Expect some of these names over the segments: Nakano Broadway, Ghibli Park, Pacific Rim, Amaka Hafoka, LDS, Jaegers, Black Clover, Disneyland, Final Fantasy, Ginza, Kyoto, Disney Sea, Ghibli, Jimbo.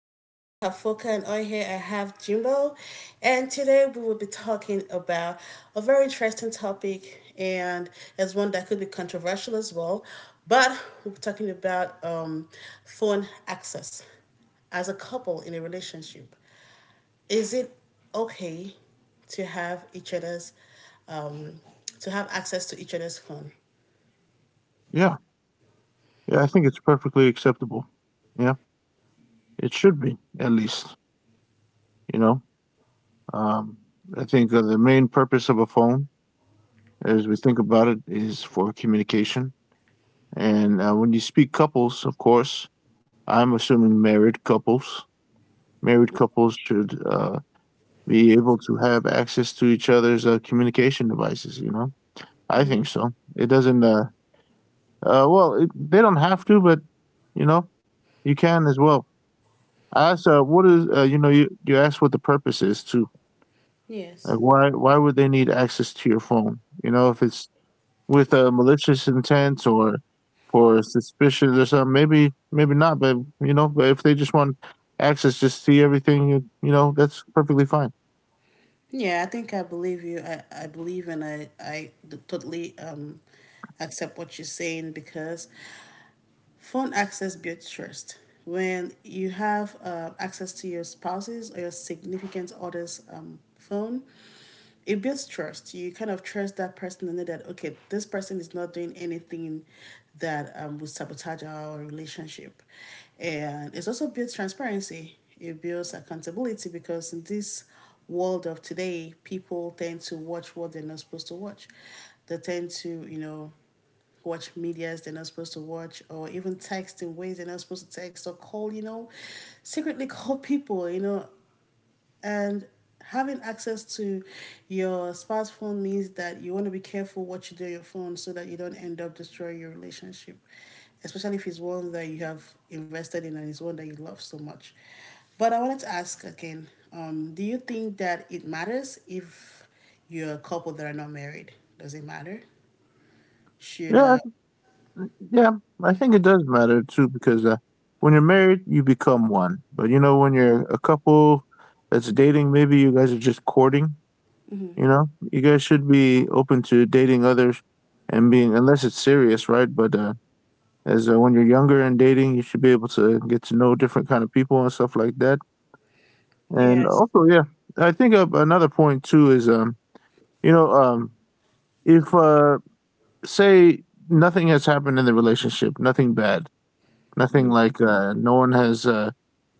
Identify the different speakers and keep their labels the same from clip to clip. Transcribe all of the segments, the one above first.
Speaker 1: is Amaka Hafoka and on here I have Jimbo, and today we will be talking about a very interesting topic and as one that could be controversial as well. But we're talking about phone access as a couple in a relationship. Is it okay to have each other's um, to have access to each other's phone?
Speaker 2: Yeah, yeah, I think it's perfectly acceptable. Yeah, it should be at least. You know, um, I think the main purpose of a phone, as we think about it, is for communication. And when you speak couples, of course, I'm assuming married couples. Married couples should be able to have access to each other's communication devices. You know, I think so. It doesn't. Well, it, They don't have to, but you know, you can as well. I asked, what is, you asked what the purpose is too. Like,
Speaker 1: Yes.
Speaker 2: why would they need access to your phone? You know, if it's with a malicious intent or for suspicions or something, maybe not. But if they just want access, just see everything, you know, that's perfectly fine.
Speaker 1: Yeah, I think I believe you. I believe and I totally accept what you're saying because phone access builds trust. When you have access to your spouse's or your significant other's phone, it builds trust. You kind of trust that person and know that okay, this person is not doing anything that would sabotage our relationship, and it also builds transparency. It builds accountability because in this world of today, people tend to watch what they're not supposed to watch. They tend to, you know, watch medias they're not supposed to watch, or even text in ways they're not supposed to text, or call, you know, secretly call people, you know, and having access to your spouse phone means that you want to be careful what you do on your phone so that you don't end up destroying your relationship, especially if it's one that you have invested in and it's one that you love so much. But I wanted to ask again, do you think that it matters if you're a couple that are not married? Does it matter? Should,
Speaker 2: Yeah,
Speaker 1: uh,
Speaker 2: yeah, I think it does matter too because when you're married, you become one. But you know, when you're a couple that's dating, maybe you guys are just courting. You know, you guys should be open to dating others and being, unless it's serious, right? But as when you're younger and dating, you should be able to get to know different kind of people and stuff like that. And
Speaker 1: yes.
Speaker 2: also, yeah, I think another point too is, you know, um, if say nothing has happened in the relationship, nothing bad, nothing like no one has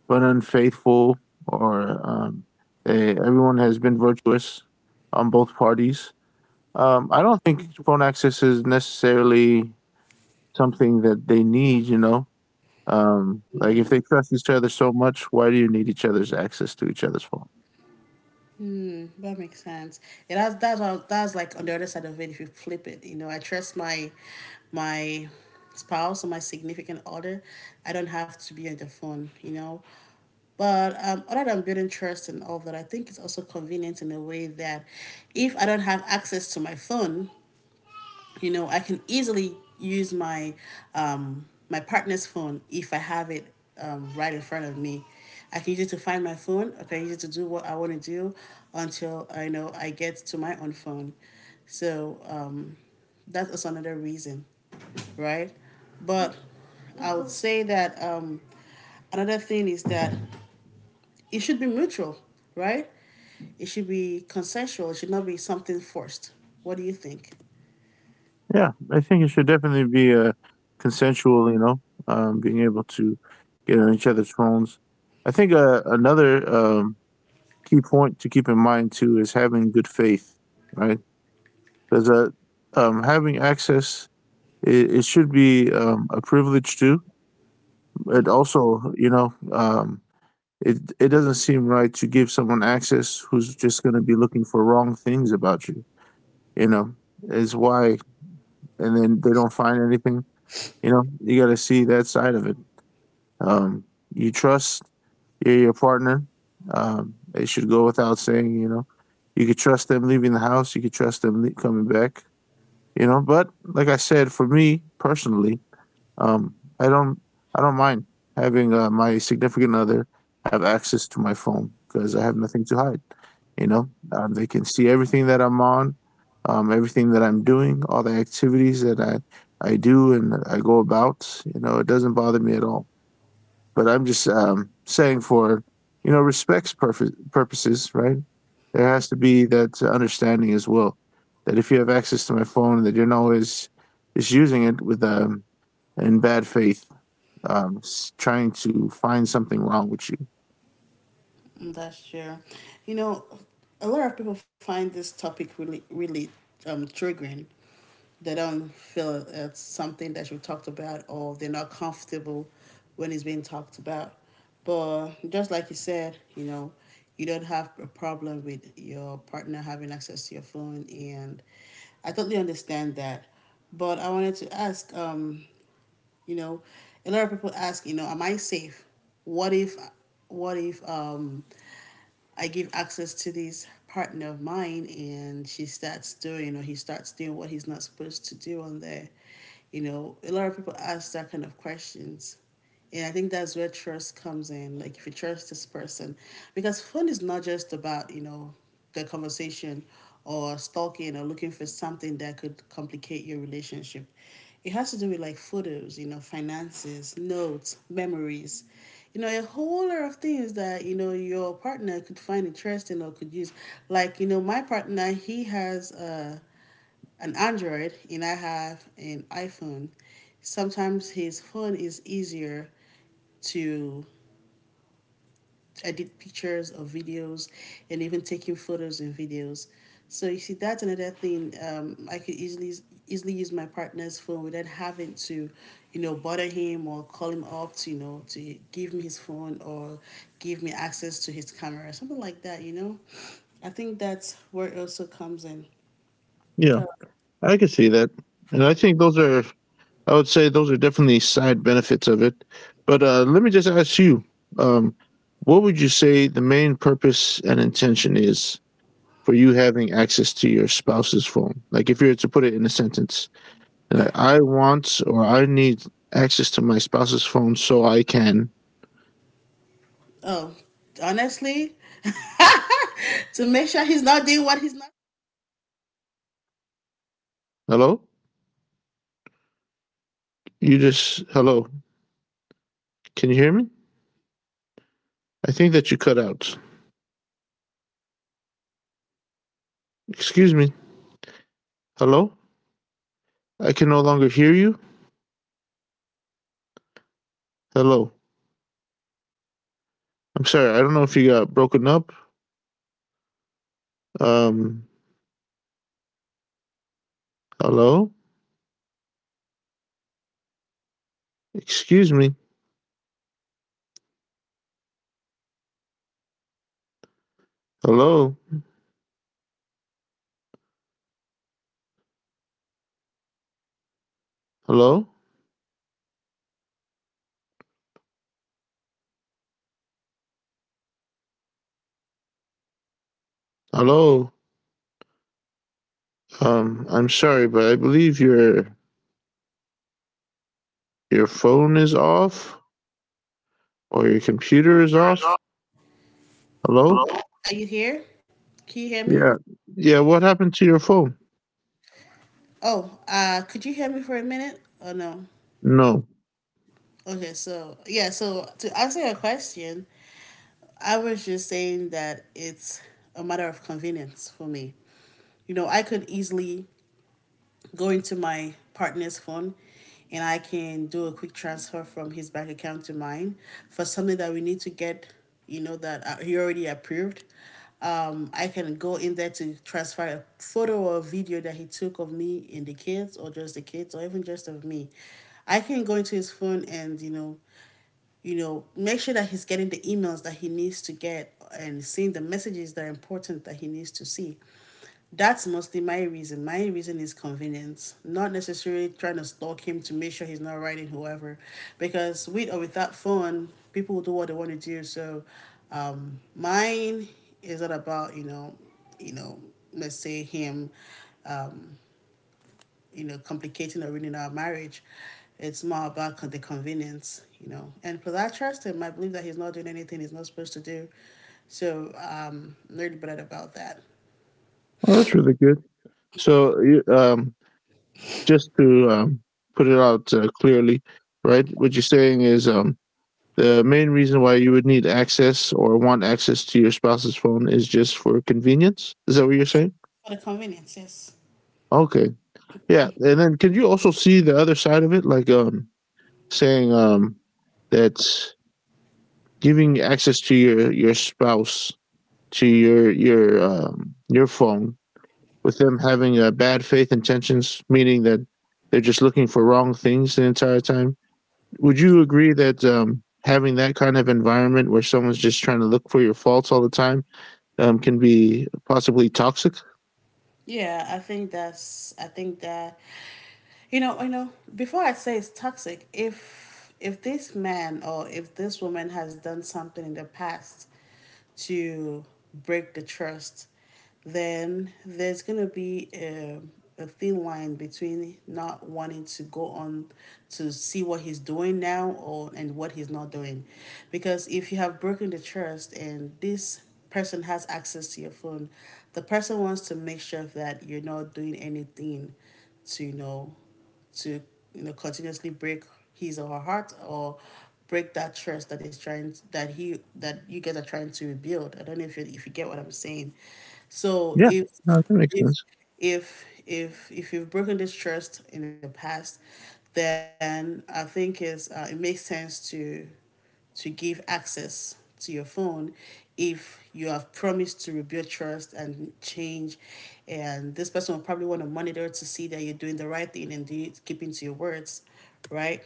Speaker 2: been unfaithful or everyone has been virtuous on both parties. I don't think phone access is necessarily something that they need, you know? Like, if they trust each other so much, why do you need each other's access to each other's phone?
Speaker 1: Mm, that makes sense. Yeah, that's like on the other side of it. If you flip it, you know, I trust my spouse or my significant other. I don't have to be on the phone. You know, but other than building trust and all that, I think it's also convenient in a way that if I don't have access to my phone, you know, I can easily use my my partner's phone if I have it right in front of me. I can use it to find my phone. I can use it to do what I want to do until I know I get to my own phone. So that's also another reason, right? But I would say that another thing is that it should be mutual, right? It should be consensual. It should not be something forced. What do you think?
Speaker 2: Yeah, I think it should definitely be a consensual, being able to get on each other's phones. I think another key point to keep in mind, too, is having good faith, right? Because having access, it should be a privilege, too. But also, it doesn't seem right to give someone access who's just going to be looking for wrong things about you. You know, is why, and then they don't find anything. You know, you got to see that side of it. Um, you trust your partner. It should go without saying. You know, you could trust them leaving the house. You could trust them coming back. You know, but like I said, for me personally, um, I don't I don't mind having my significant other have access to my phone because I have nothing to hide. They can see everything that I'm on, everything that I'm doing, all the activities that I do and I go about. You know, it doesn't bother me at all. But I'm just saying for purposes, right? There has to be that understanding as well that if you have access to my phone, that you're not always just using it with in bad faith, um, trying to find something wrong with you.
Speaker 1: That's true. You know, a lot of people find this topic really, really triggering. They don't feel it's something that should be talked about, or they're not comfortable when it's being talked about. But just like you said, you know, you don't have a problem with your partner having access to your phone, and I totally understand that. But I wanted to ask, you know, a lot of people ask, you know, am I safe? What if, what if I give access to this partner of mine, and she starts doing, or he starts doing what he's not supposed to do on there. You know, a lot of people ask that kind of questions. Yeah, I think that's where trust comes in. Like if you trust this person, because fun is not just about, you know, the conversation or stalking or looking for something that could complicate your relationship. It has to do with like photos, you know, finances, notes, memories, you know, a whole lot of things that, you know, your partner could find interesting or could use. Like, you know, my partner he has an Android and I have an iPhone. Sometimes his phone is easier to edit pictures or videos, and even taking photos and videos. So you see, that's another thing. I could easily use my partner's phone without having to, you know, bother him or call him up to, you know, to give me his phone or give me access to his camera, something like that. You know, I think that's where it also comes in.
Speaker 2: Yeah,
Speaker 1: So,
Speaker 2: I can see that, and I think those are. I would say those are definitely side benefits of it. But let me just ask you, um, what would you say the main purpose and intention is for you having access to your spouse's phone? Like, if you were to put it in a sentence, like, I want or I need access to my spouse's phone so I can.
Speaker 1: oh, honestly, to make sure he's not doing what he's not.
Speaker 2: Hello, you just hello. Can you hear me? I think that you cut out. Excuse me. Hello. I can no longer hear you. Hello. I'm sorry. I don't know if you got broken up. Um, Hello? Excuse me. Hello? Hello? Hello? I'm sorry, but I believe your phone is off or your computer is off. Hello?
Speaker 1: Are you here? Can you hear me?
Speaker 2: Yeah. Yeah, what happened to your phone?
Speaker 1: Oh, could you hear me for a minute? Oh no.
Speaker 2: No.
Speaker 1: Okay, so yeah, so to answer your question, I was just saying that it's a matter of convenience for me. You know, I could easily go into my partner's phone and I can do a quick transfer from his bank account to mine for something that we need to get, you know, that he already approved. I can go in there to transfer a photo or a video that he took of me and the kids, or just the kids, or even just of me. I can go into his phone and, you know, make sure that he's getting the emails that he needs to get and seeing the messages that are important that he needs to see. That's mostly my reason. My reason is convenience, not necessarily trying to stalk him to make sure he's not writing whoever, because with or without phone, people will do what they want to do. So, mine is not about, you know, let's say him, um, you know, complicating or ruining our marriage. It's more about the convenience, you know. And plus, I trust him. I believe that he's not doing anything he's not supposed to do. So I'm really bothered about that.
Speaker 2: Oh, that's really good. So, just to put it out clearly, right? What you're saying is The main reason why you would need access or want access to your spouse's phone is just for convenience. Is that what you're saying?
Speaker 1: For the convenience, yes.
Speaker 2: Okay. Yeah. And then can you also see the other side of it? Like saying that giving access to your spouse to your your phone with them having bad faith intentions, meaning that they're just looking for wrong things the entire time. Would you agree that having that kind of environment where someone's just trying to look for your faults all the time can be possibly toxic.
Speaker 1: Yeah, I think that, you know, you know, before I say it's toxic, if this man or if this woman has done something in the past to break the trust, then there's gonna be a thin line between not wanting to go on to see what he's doing now or and what he's not doing. Because if you have broken the trust and this person has access to your phone, the person wants to make sure that you're not doing anything to, you know, to, you know, continuously break his or her heart, or break that trust that is trying that he that you guys are trying to rebuild. I don't know if you get what I'm saying. So
Speaker 2: Yeah.
Speaker 1: if
Speaker 2: No, that makes
Speaker 1: if
Speaker 2: sense.
Speaker 1: if you've broken this trust in the past, then I think it's it makes sense to give access to your phone if you have promised to rebuild trust and change, and this person will probably want to monitor to see that you're doing the right thing and do keeping to your words, right?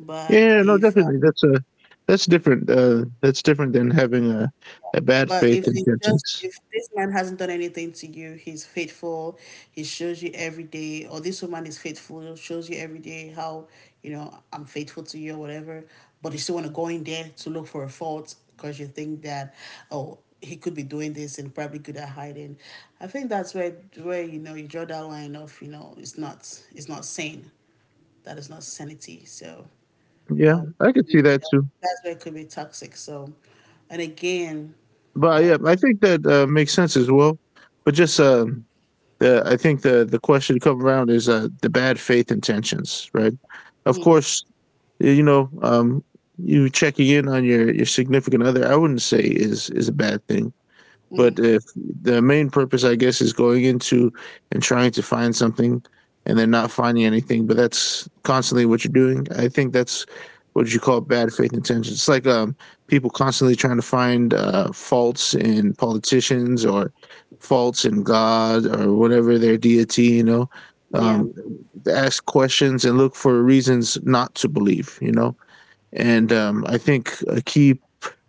Speaker 1: but
Speaker 2: Yeah, no,
Speaker 1: if
Speaker 2: definitely. That's different. That's different than having a bad
Speaker 1: But if
Speaker 2: faith
Speaker 1: it's just
Speaker 2: intentions.
Speaker 1: if this man hasn't done anything to you, he's faithful, he shows you every day, or this woman is faithful, shows you every day how, you know, I'm faithful to you or whatever, but you still want to go in there to look for a fault because you think that, oh, he could be doing this and probably good at hiding. I think that's where you know, you draw that line of, you know, it's not sane. That is not sanity. So
Speaker 2: Yeah,
Speaker 1: um
Speaker 2: I could see that too.
Speaker 1: that's where it could be toxic. So and again,
Speaker 2: But yeah, I think that makes sense as well. But just the I think the question to come around is the bad faith intentions, right? Of course, you know, um, you checking in on your significant other. I wouldn't say is a bad thing. But if the main purpose, I guess, is going into and trying to find something and then not finding anything, but that's constantly what you're doing. I think that's what you call bad faith intentions. It's like people constantly trying to find faults in politicians or faults in God or whatever their deity, you know.
Speaker 1: yeah.
Speaker 2: Um, Ask questions and look for reasons not to believe, you know. And I think a key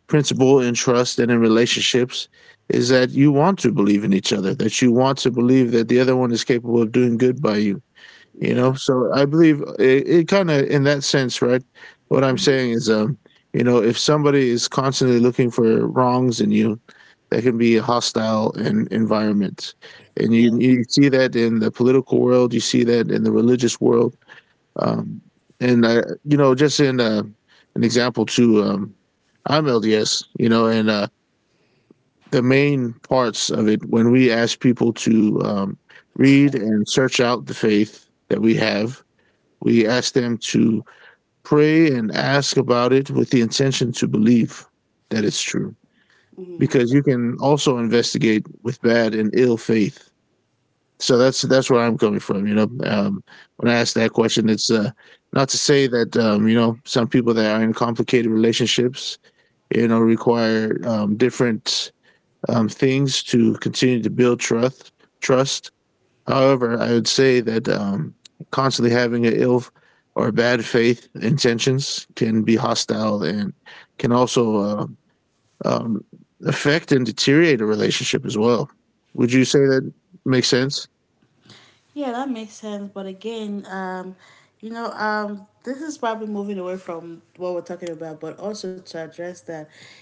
Speaker 2: principle in trust and in relationships is that you want to believe in each other, that you want to believe that the other one is capable of doing good by you. You
Speaker 1: Yeah.
Speaker 2: know, so I believe it, it kind of in that sense, right? What I'm saying is, if somebody is constantly looking for wrongs in you, that can be a hostile environment, and
Speaker 1: Yeah.
Speaker 2: you see that in the political world, you see that in the religious world, um, and just in an example too, I'm LDS, you know, and the main parts of it when we ask people to read and search out the faith that we have, we ask them to pray and ask about it with the intention to believe that it's true. Because you can also investigate with bad and ill faith, so that's where I'm coming from. You know, when I ask that question, it's not to say that some people that are in complicated relationships, you know, require different things to continue to build trust. Trust. However, I would say that constantly having an ill or bad faith intentions can be hostile and can also um, affect and deteriorate a relationship as well. Would you say that makes sense?
Speaker 1: Yeah, that makes sense. But again, you know, this is probably moving away from what we're talking about, but also to address that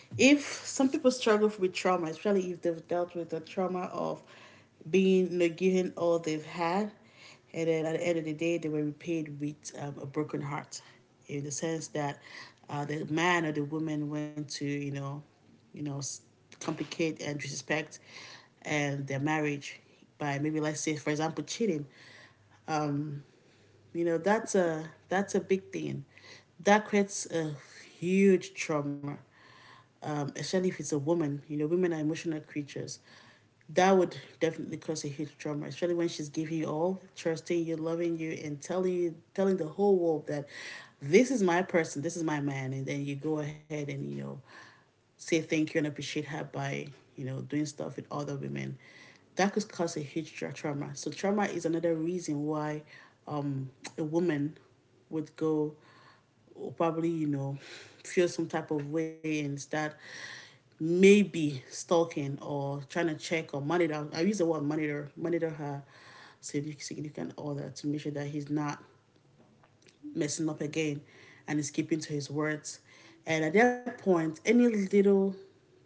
Speaker 1: if some people struggle with trauma, especially if they've dealt with the trauma of being, you know, given all they've had, and then at the end of the day, they were repaid with a broken heart, in the sense that the man or the woman went to, you know, complicate and disrespect and their marriage by, maybe let's say for example, cheating. You know, that's a big thing. That creates a huge trauma, especially if it's a woman. You know, women are emotional creatures. That would definitely cause a huge trauma, especially when she's giving you all, trusting you, loving you, and telling you, telling the whole world that this is my person, this is my man, and then you go ahead and, you know, say thank you and appreciate her by, you know, doing stuff with other women. That could cause a huge trauma. So trauma is another reason why um, a woman would go will probably, you know, feel some type of way and start maybe stalking or trying to check or monitor. I use the word monitor, monitor her significant other to make sure that he's not messing up again and he's keeping to his words. And at that point, any little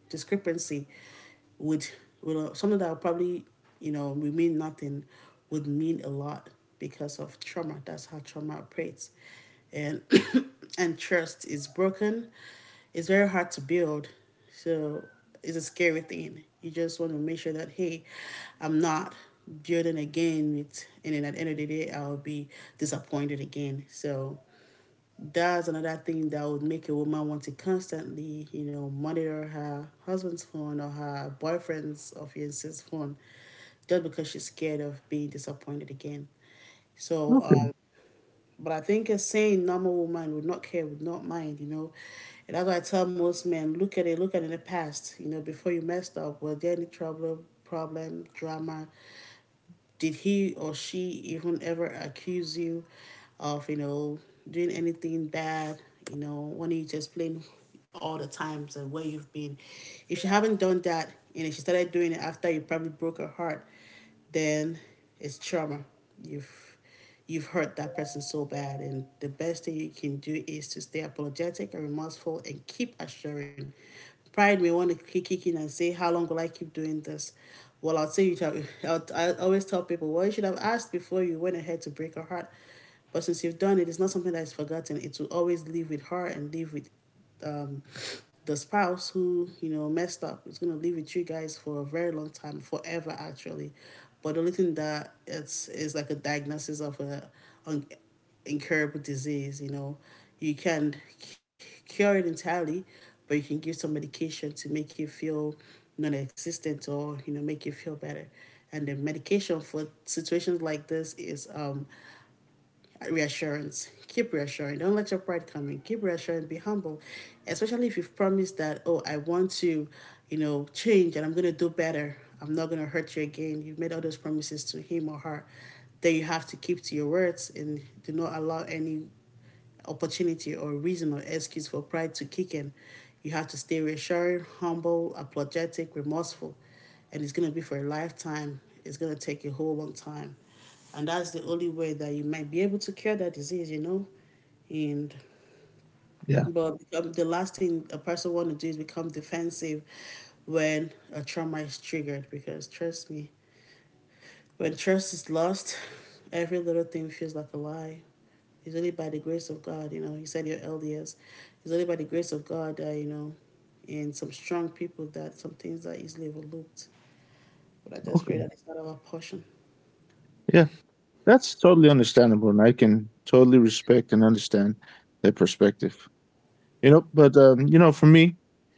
Speaker 1: discrepancy would, something that would probably, you know, would mean nothing would mean a lot because of trauma. That's how trauma operates. And and trust is broken. It's very hard to build so it's a scary thing. You just want to make sure that, hey, I'm not building again with, and then at the end of the day, I'll be disappointed again. So that's another thing that would make a woman want to constantly, you know, monitor her husband's phone or her boyfriend's or fiance's phone just because she's scared of being disappointed again. So,
Speaker 2: Okay.
Speaker 1: uh, but I think a sane, normal woman would not care, would not mind, you know. And that's why I tell most men, look at it in the past, you know, before you messed up. Was there any trouble, problem, drama? Did he or she even ever accuse you of, you know, doing anything bad? You know, when you just explain all the times and where you've been. If she haven't done that and if she started doing it after you probably broke her heart, then it's trauma. You've you've hurt that person so bad. And the best thing you can do is to stay apologetic and remorseful and keep assuring. Pride may want to kick in and say, how long will I keep doing this? Well, I'll say you tell, I'll, I always tell people, well, you should have asked before you went ahead to break her heart. But since you've done it, it's not something that is forgotten. It will always live with her and live with um, the spouse who you know messed up is gonna live with you guys for a very long time, forever actually. But the only thing that it's is like a diagnosis of a un- incurable disease. You know, you cure it entirely, but you can give some medication to make you feel non-existent or you know make you feel better. And the medication for situations like this is reassurance. Keep reassuring. Don't let your pride come in. Keep reassuring. Be humble, especially if you've promised that, oh, I want to, you know, change and I'm going to do better. I'm not going to hurt you again. You've made all those promises to him or her. Then you have to keep to your words and do not allow any opportunity or reason or excuse for pride to kick in. You have to stay reassuring, humble, apologetic, remorseful. And it's going to be for a lifetime. It's going to take a whole long time. And that's the only way that you might be able to cure that disease, you know? And
Speaker 2: Yeah.
Speaker 1: but the last thing a person want to do is become defensive when a trauma is triggered because trust me, when trust is lost, every little thing feels like a lie. It's only by the grace of God, you know. You said your LDS. It's only by the grace of God that, you know, and some strong people that some things are easily overlooked. But I just
Speaker 2: Okay.
Speaker 1: pray that it's not our portion.
Speaker 2: Yeah, that's totally understandable, and I can totally respect and understand their perspective. You know, but for me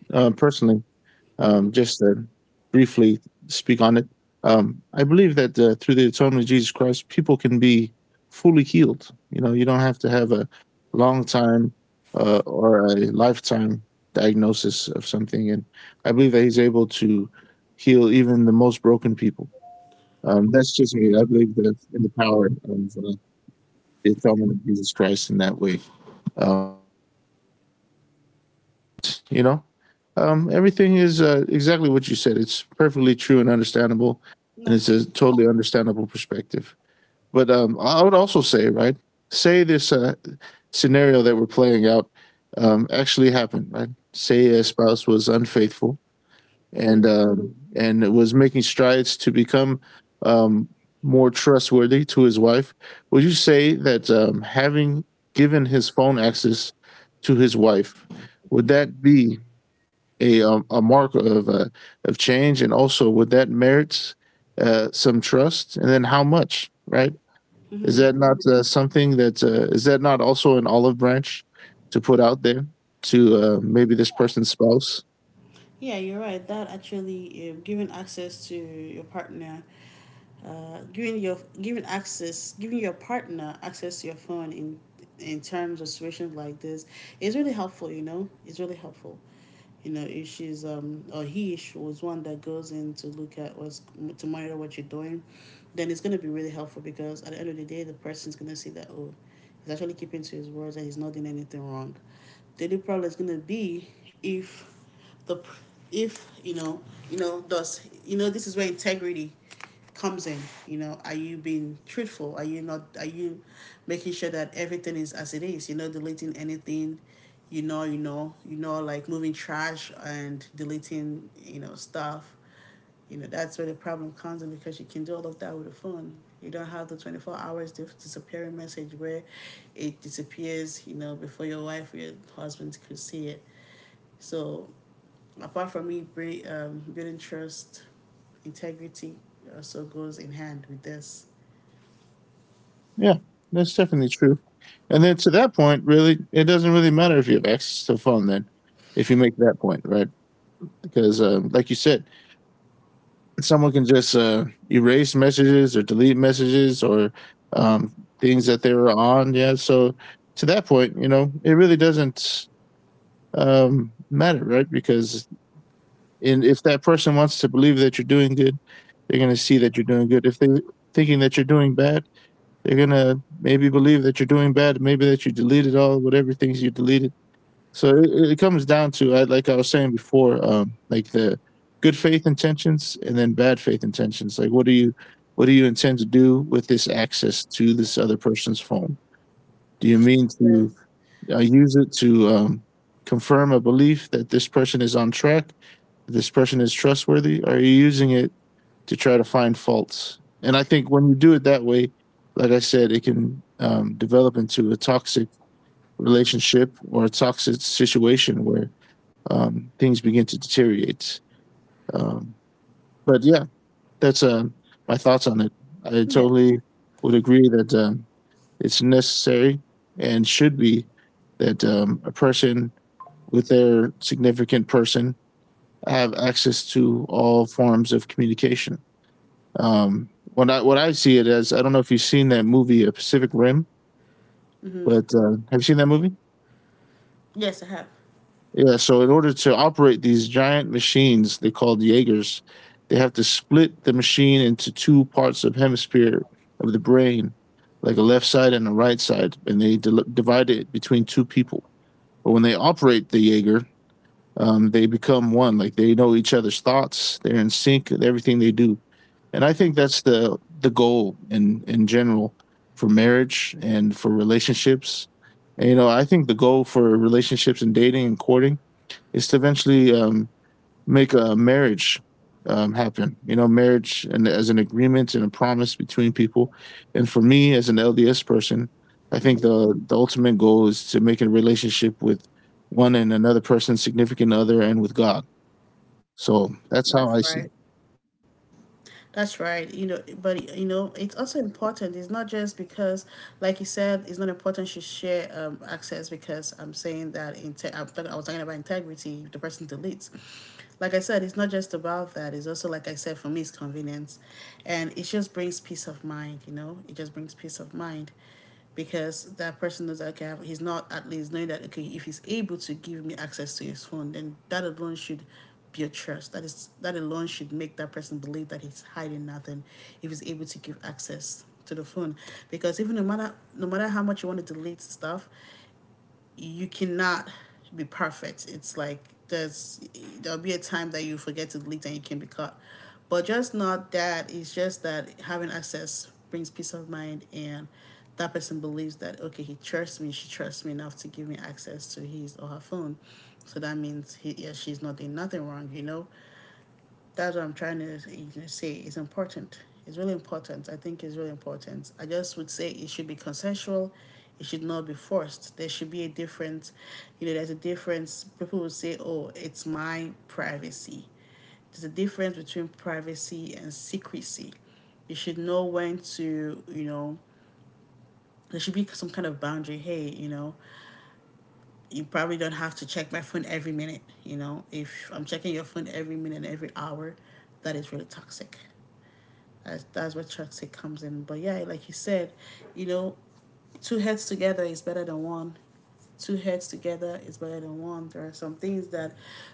Speaker 2: personally, just to briefly speak on it, I believe that through the atonement of Jesus Christ, people can be fully healed. You know, you don't have to have a long time or a lifetime diagnosis of something, and I believe that He's able to heal even the most broken people. That's just me. I believe that in the power of the atonement of Jesus Christ in that way. Um, you know, Everything is exactly what you said. It's perfectly true and understandable, and
Speaker 1: That's
Speaker 2: it's
Speaker 1: true.
Speaker 2: a totally understandable perspective. But I would also say, right, say this scenario that we're playing out actually happened, right? Say a spouse was unfaithful and uh, and was making strides to become um, more trustworthy to his wife. Would you say that having given his phone access to his wife, would that be a mark of change, and also would that merits some trust, and then how much? Right? Is that not something that is that not also an olive branch to put out there to maybe this person's spouse?
Speaker 1: Yeah, you're right. Giving access to your partner, giving access, giving your partner access to your phone in terms of situations like this is really helpful. You know, it's really helpful. You know, if she's or he she was one that goes in to look at what's to monitor what you're doing, then it's gonna be really helpful because at the end of the day, the person's gonna see that oh, he's actually keeping to his words and he's not doing anything wrong. The only problem is gonna be if the if you know you know does you know this is where integrity comes in, you know, are you being truthful, are you not, are you making sure that everything is as it is. You're not deleting anything, like moving trash and deleting, you know, stuff. You know, that's where the problem comes in, because you can do all of that with a phone. You don't have the 24 hours disappearing message where it disappears, you know, before your wife or your husband could see it. So, apart from me building trust, integrity also goes in hand with this.
Speaker 2: Yeah, that's definitely true. And then to that point, really, it doesn't really matter if you have access to a phone then, if you make that point, right? Because, like you said, someone can just erase messages or delete messages or um, things that they were on. Yeah. So to that point, you know, it really doesn't matter, right? Because in, if that person wants to believe that you're doing good, they're going to see that you're doing good. If they're thinking that you're doing bad, they're gonna maybe believe that you're doing bad, maybe that you deleted all whatever things you deleted. So it comes down to like I was saying before, like the good faith intentions and then bad faith intentions. Like what do you intend to do with this access to this other person's phone? Do you mean to use it to confirm a belief that this person is on track, that this person is trustworthy? Or are you using it to try to find faults. And I think when you do it that way, like I said, it can develop into a toxic relationship or a toxic situation where things begin to deteriorate. Um, but yeah, that's my thoughts on it. I
Speaker 1: Yeah.
Speaker 2: totally would agree that it's necessary and should be that a person with their significant person have access to all forms of communication. What I see it as, I don't know if you've seen that movie, Pacific Rim, but
Speaker 1: Hmm.
Speaker 2: have you seen that movie?
Speaker 1: Yes, I have.
Speaker 2: Yeah. So in order to operate these giant machines, they called Jaegers, they have to split the machine into two parts of hemisphere of the brain, like a left side and a right side, and they del divide it between two people. But when they operate the Jaeger, they become one, like they know each other's thoughts, they're in sync with everything they do, and I think that's the goal in general for marriage and for relationships. And you know, I think the goal for relationships and dating and courting is to eventually make a marriage happen. You know, marriage and as an agreement and a promise between people. And for me, as an LDS person, I think the ultimate goal is to make a relationship with one and another person, significant other, and with God. So that's how I
Speaker 1: That's
Speaker 2: see
Speaker 1: right. That's right. You know, but you know, it's also important. It's not just because, Like you said, it's not important to share access because I'm saying that I was talking about integrity. The person deletes. Like I said, it's not just about that. It's also like I said for me, it's convenience, and it just brings peace of mind. You know, it just brings peace of mind because that person knows that okay, have he's not, at least knowing that okay, if he's able to give me access to his phone, then that alone should build trust. That alone should make that person believe that he's hiding nothing if he's able to give access to the phone. Because even no matter how much you want to delete stuff, you cannot be perfect. It's like there's there'll be a time that you forget to delete and you can be caught. But just not that. It's just that having access brings peace of mind and that person believes that okay, he trusts me, she trusts me enough to give me access to his or her phone, so that means he yeah, she's not doing nothing wrong, you know. That's what I'm trying to say. It's important. It's really important. I think it's really important. I just would say it should be consensual. It should not be forced. There should be a difference. You know, there's a difference. People will say, "Oh, it's my privacy." There's a difference between privacy and secrecy. You should know when to, you know, there should be some kind of boundary. Hey, you know, you probably don't have to check my phone every minute. You know, if I'm checking your phone every minute, every hour, that is really toxic. That's where toxic comes in. But yeah, like you said, you know, two heads together is better than one, two heads together is better than one. There are some things that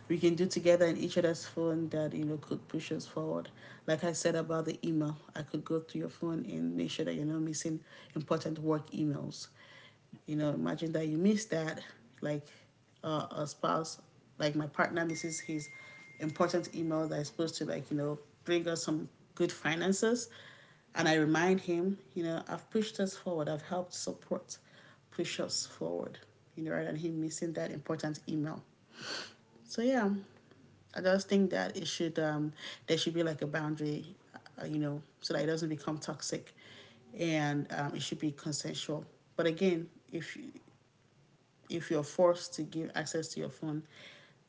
Speaker 1: we can do together in each other's phone that you know could push us forward. Like I said about the email, I could go through your phone and make sure that you're not missing important work emails. You know, imagine that you miss that, like a spouse, like my partner misses his important email that is supposed to like you know bring us some good finances, and I remind him, you know, I've pushed us forward, I've helped support push us forward, you know, rather than him missing that important email. So yeah, I just think that it should there should be like a boundary, you know, so that it doesn't become toxic, and it should be consensual. But again, if you're forced to give access to your phone,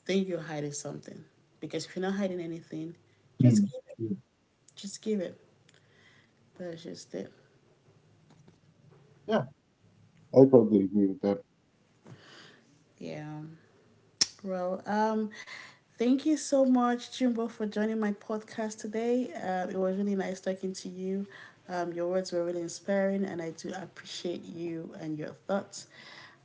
Speaker 1: then you're hiding something. Because if you're not hiding anything,
Speaker 2: it.
Speaker 1: just
Speaker 2: Mm.
Speaker 1: give it.
Speaker 2: True.
Speaker 1: Just give it. That's just it.
Speaker 2: Yeah, I totally agree with that.
Speaker 1: Yeah. Well, thank you so much, Jimbo, for joining my podcast today. It was really nice talking to you. Your words were really inspiring, and I do appreciate you and your thoughts.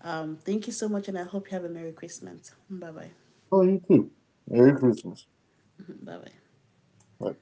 Speaker 1: Thank you so much, and I hope you have a Merry Christmas. Bye bye.
Speaker 2: Oh, you too. Merry Christmas.
Speaker 1: Bye bye.
Speaker 2: Bye.